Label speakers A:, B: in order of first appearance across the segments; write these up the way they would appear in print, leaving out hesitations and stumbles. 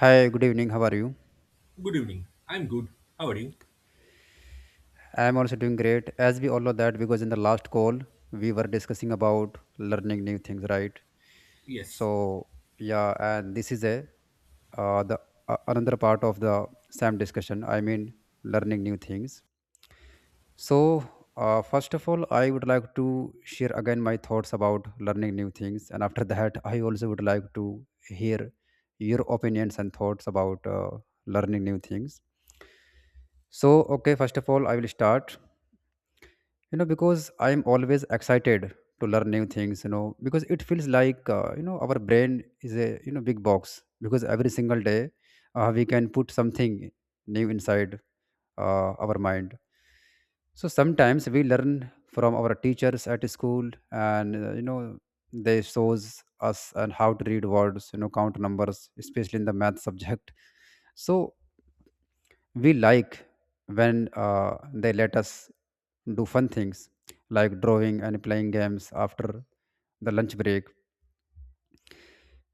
A: Hi, good evening. How are you?
B: Good evening. I'm good. How are you?
A: I am also doing great. As we all know that because in the last call we were discussing about learning new things, right?
B: Yes.
A: So yeah, and this is a the Another part of the same discussion. I mean learning new things. So first of all, I would like to share again my thoughts about learning new things, and after that, I also would like to hear your opinions and thoughts about learning new things. So okay, first of all, I will start. Because I'm always excited to learn new things because it feels like our brain is a big box. Because every single day we can put something new inside our mind. So sometimes we learn from our teachers at school, and they shows us and how to read words, count numbers, especially in the math subject. So we like when they let us do fun things like drawing and playing games after the lunch break.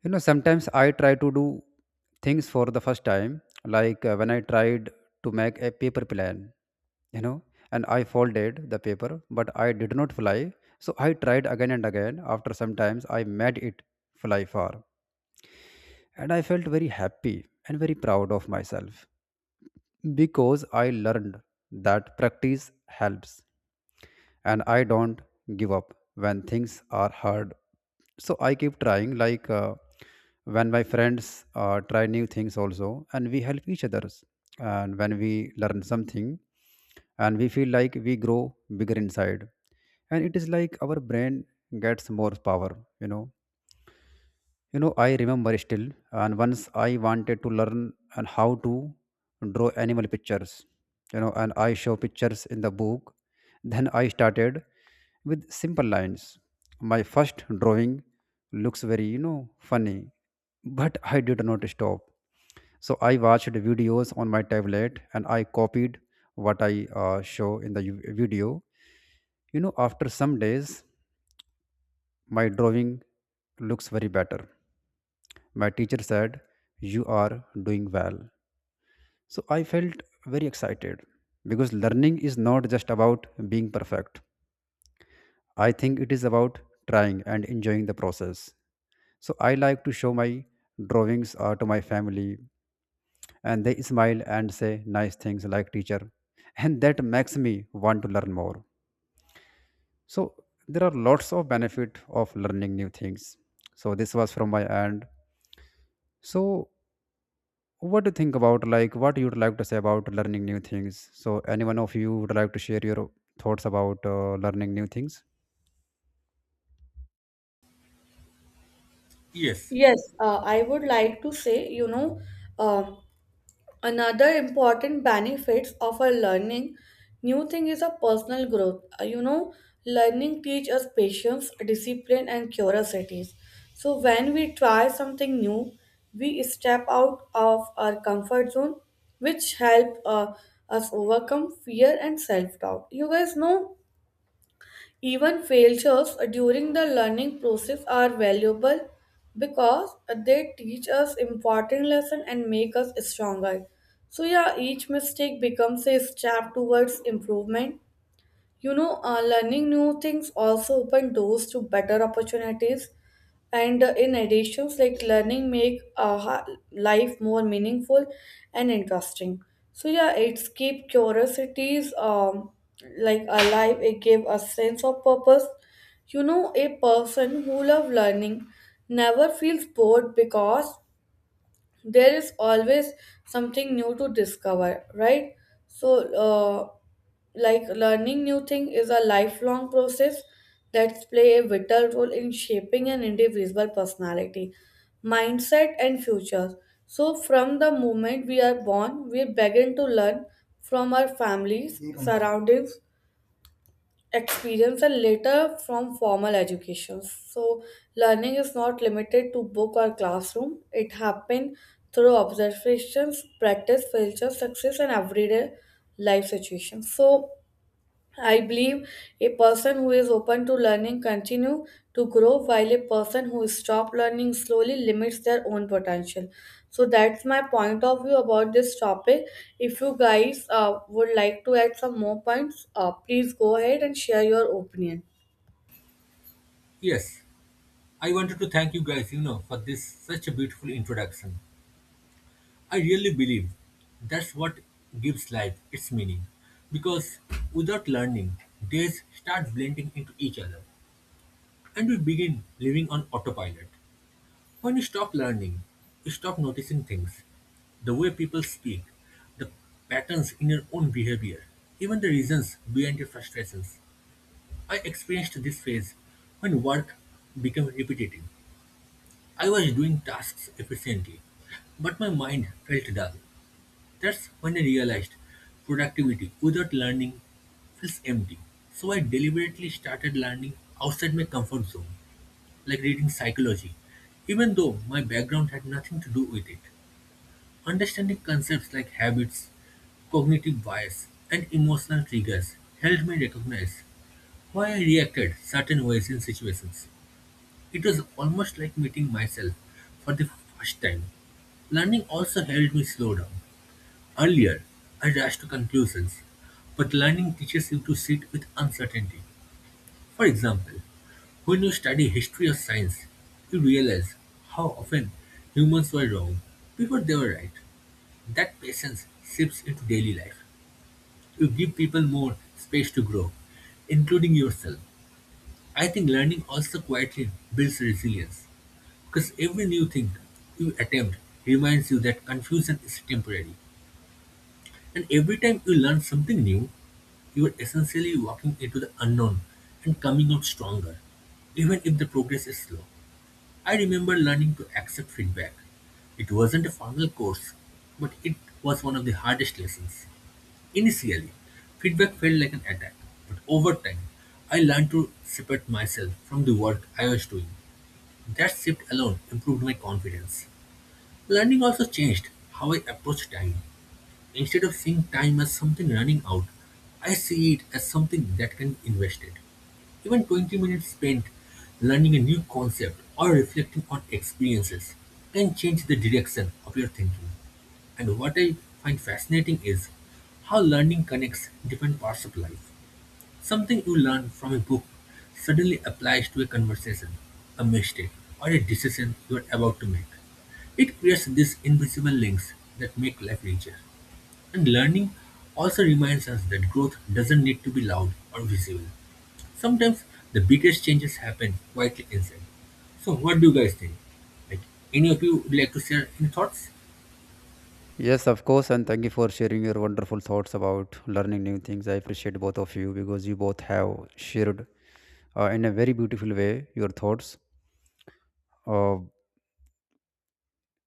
A: Sometimes I try to do things for the first time, like when I tried to make a paper plan. you know and I folded the paper, but I did not fly. So I tried again and again. After sometimes I made it fly far, and I felt very happy and very proud of myself because I learned that practice helps, and I don't give up when things are hard. So I keep trying, like when my friends try new things also, and we help each others. And when we learn something, and we feel like we grow bigger inside, and it is like our brain gets more power, you know you know. I remember still, and once I wanted to learn and how to draw animal pictures. And I show pictures in the book. Then I started with simple lines. My first drawing looks very, funny, but I did not stop. So I watched videos on my tablet and I copied what I show in the video. After some days my drawing looks very better. My teacher said, "You are doing well." So I felt very excited because learning is not just about being perfect. I think it is about trying and enjoying the process. So I like to show my drawings to my family, and they smile and say nice things like teacher. And that makes me want to learn more. So there are lots of benefit of learning new things. So this was from my end. So what do you think about, like, what you'd like to say about learning new things? So anyone of you would like to share your thoughts about learning new things?
B: Yes.
C: Yes, I would like to say, you know, um, another important benefits of our learning new thing is a personal growth. You know, learning teach us patience, discipline, and curiosities. So when we try something new, we step out of our comfort zone, which help us overcome fear and self doubt. You guys know even failures during the learning process are valuable because they teach us important lessons and make us stronger. So yeah, each mistake becomes a step towards improvement. Learning new things also open doors to better opportunities and in addition like learning make life more meaningful and interesting. So yeah, it's keep curiosities like alive. It gave a sense of purpose, you know. A person who love learning never feels bored because there is always something new to discover, right? So uh, like learning new thing is a lifelong process that play a vital role in shaping an individual personality, mindset, and future. So from the moment we are born we begin to learn from our families, surroundings, experience, and later from formal education. So, learning is not limited to book or classroom. It happens through observations, practice, failure, success, and everyday life situations. So, I believe a person who is open to learning continue to grow, while a person who stop learning slowly limits their own potential. So that's my point of view about this topic. If you guys would like to add some more points, please go ahead and share your opinion.
B: Yes. I wanted to thank you guys, you know, for this such a beautiful introduction. I really believe that's what gives life its meaning. Because without learning, days start blending into each other and we begin living on autopilot. When you stop learning, you stop noticing things. The way people speak, the patterns in your own behavior, even the reasons behind your frustrations. I experienced this phase when work became repetitive. I was doing tasks efficiently, but my mind felt dull. That's when I realized productivity without learning feels empty. So I deliberately started learning outside my comfort zone, like reading psychology, even though my background had nothing to do with it. Understanding concepts like habits, cognitive bias, and emotional triggers helped me recognize why I reacted certain ways in situations. It was almost like meeting myself for the first time. Learning also helped me slow down. Earlier, I rushed to conclusions, but learning teaches you to sit with uncertainty. For example, when you study history or science, you realize how often humans were wrong before they were right. That patience seeps into daily life. You give people more space to grow, including yourself. I think learning also quietly builds resilience because every new thing you attempt reminds you that confusion is temporary. And every time you learn something new, you are essentially walking into the unknown and coming out stronger, even if the progress is slow. I remember learning to accept feedback. It wasn't a formal course, but it was one of the hardest lessons. Initially, feedback felt like an attack, but over time, I learned to separate myself from the work I was doing. That shift alone improved my confidence. Learning also changed how I approach time. Instead of seeing time as something running out, I see it as something that can be invested. Even 20 minutes spent learning a new concept or reflecting on experiences can change the direction of your thinking. And what I find fascinating is how learning connects different parts of life. Something you learn from a book suddenly applies to a conversation, a mistake, or a decision you are about to make. It creates these invisible links that make life richer. And learning also reminds us that growth doesn't need to be loud or visible. Sometimes the biggest changes happen quietly inside. So what do you guys think? Like any of you would like to share any thoughts?
A: Yes, of course, and thank you for sharing your wonderful thoughts about learning new things. I appreciate both of you because you both have shared in a very beautiful way your thoughts. uh,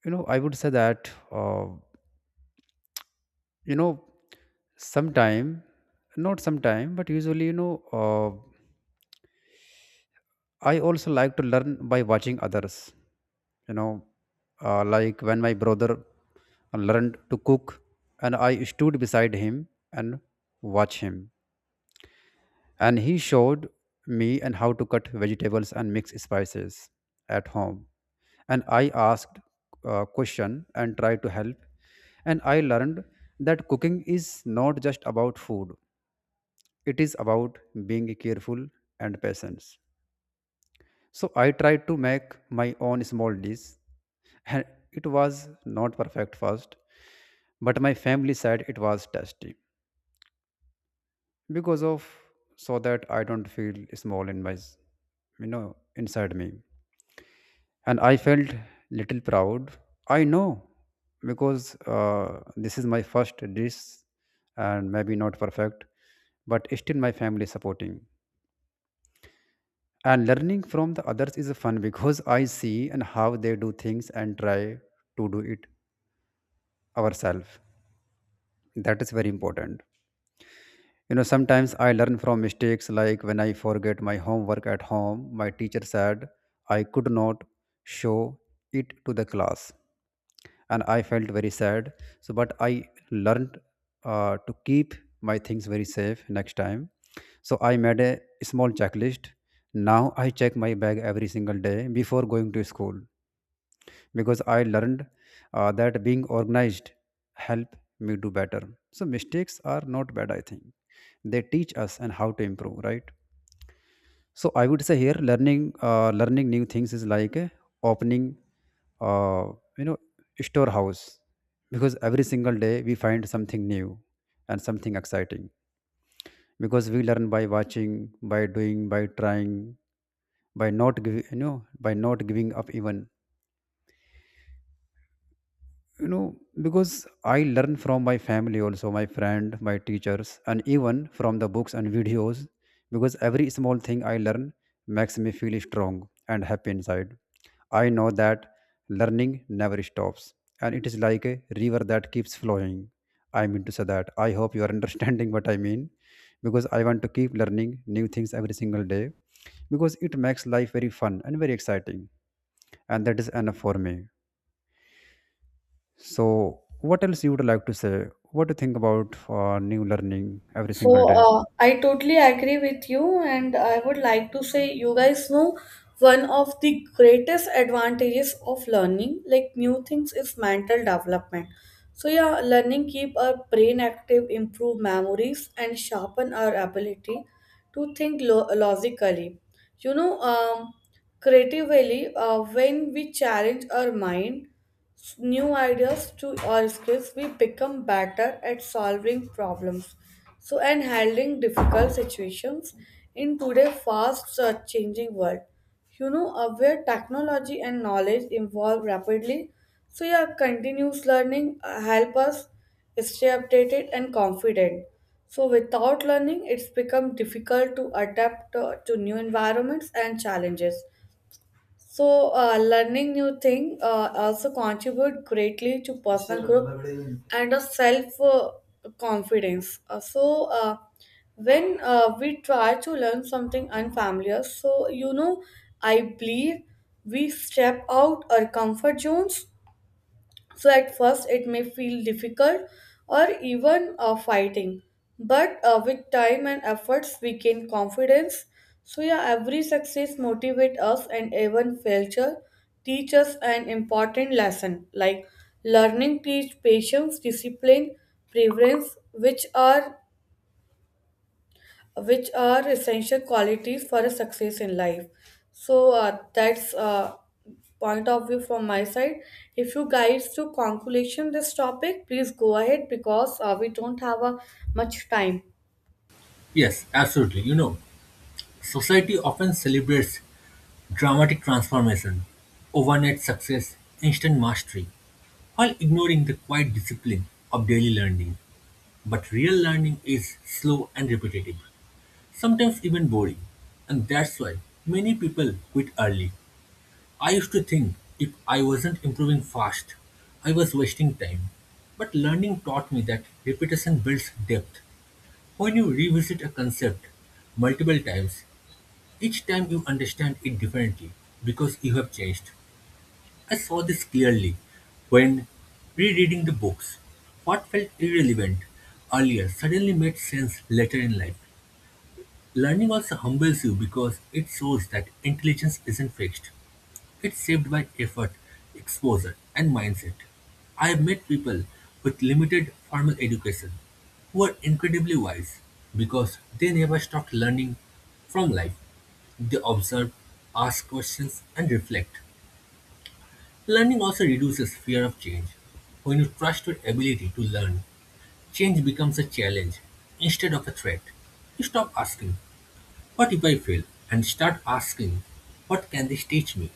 A: I would say that, you know sometime not sometime but usually, I also like to learn by watching others. You know, like when my brother learned to cook, and I stood beside him and watched him, and he showed me and how to cut vegetables and mix spices at home, and I asked question and tried to help, and I learned that cooking is not just about food; it is about being careful and patience. So I tried to make my own small dish, and it was not perfect first, but my family said it was tasty because of. So that I don't feel small in my, you know, inside me, and I felt little proud. I know because this is my first dish, and maybe not perfect, but still my family supporting. And learning from the others is fun because I see and how they do things and try to do it ourselves. That is very important. You know, sometimes I learn from mistakes, like when I forget my homework at home, my teacher said I could not show it to the class. And I felt very sad. So, but I learned to keep my things very safe next time. So, I made a small checklist. Now I check my bag every single day before going to school because I learned that being organized help me do better. So mistakes are not bad, I think. They teach us and how to improve, right? So I would say here, learning new things is like a opening, uh, you know, storehouse, because every single day we find something new and something exciting, because we learn by watching, by doing, by trying, by not giving, you know, by not giving up even. you know because I learn from my family also, my friend, my teachers, and even from the books and videos, because every small thing I learn makes me feel strong and happy inside. I know that learning never stops, and it is like a river that keeps flowing. I mean to say that I hope you are understanding what I mean, because I want to keep learning new things every single day, because it makes life very fun and very exciting, and that is enough for me. So, what else you would like to say? What do you think about new learning every
C: So
A: single day?
C: I totally agree with you, and I would like to say you guys know one of the greatest advantages of learning like new things is mental development. So yeah, learning keep our brain active, improve memories, and sharpen our ability to think logically. You know, creatively when we challenge our mind new ideas to our skills, we become better at solving problems. So, and handling difficult situations in today's fast changing world. You know, where technology and knowledge evolve rapidly. So, yeah, continuous learning help us stay updated and confident. So, without learning, it's become difficult to adapt to new environments and challenges. So, learning new thing also contribute greatly to personal growth and a self confidence. So, when we try to learn something unfamiliar, so you know, I believe we step out our comfort zones. So at first, it may feel difficult or even fighting, but with time and efforts, we gain confidence. So yeah, every success motivates us, and even failure teach us an important lesson. Like learning teach patience, discipline, preference, which are essential qualities for a success in life. So that's point of view from my side. If you guys to conclusion this topic, please go ahead because we don't have much time.
B: Yes, absolutely. You know, society often celebrates dramatic transformation, overnight success, instant mastery, while ignoring the quiet discipline of daily learning. But real learning is slow and repetitive, sometimes even boring. And that's why many people quit early. I used to think if I wasn't improving fast, I was wasting time. But learning taught me that repetition builds depth. When you revisit a concept multiple times, each time you understand it differently because you have changed. I saw this clearly when rereading the books. What felt irrelevant earlier suddenly made sense later in life. Learning also humbles you because it shows that intelligence isn't fixed. It's shaped by effort, exposure, and mindset. I have met people with limited formal education who are incredibly wise because they never stopped learning from life. They observe, ask questions, and reflect. Learning also reduces fear of change. When you trust your ability to learn, change becomes a challenge instead of a threat. You stop asking, "What if I fail?" and start asking, "What can this teach me?"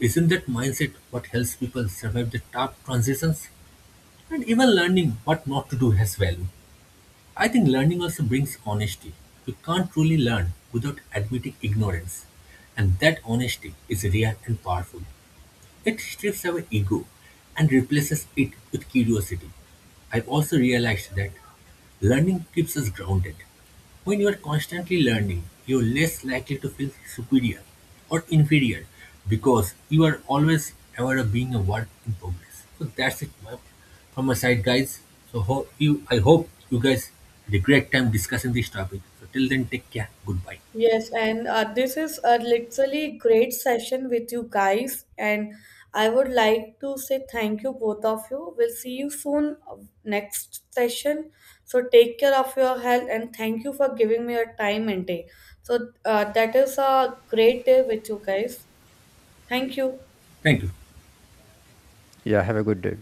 B: Isn't that mindset what helps people survive the tough transitions? And even learning what not to do has value. I think learning also brings honesty. You can't truly learn without admitting ignorance. And that honesty is rare and powerful. It strips away ego and replaces it with curiosity. I've also realized that learning keeps us grounded. When you are constantly learning, you're less likely to feel superior or inferior because you are always aware of being a work in progress. So from my side, guys. So I hope you guys had a great time discussing this topic. So till then, take care. Goodbye.
C: Yes, and this is a literally great session with you guys, and I would like to say thank you both of you. We'll see you soon next session. So take care of your health and thank you for giving me your time and day. So that is a great day with you guys. Thank you.
B: Thank you.
A: Yeah, have a good day.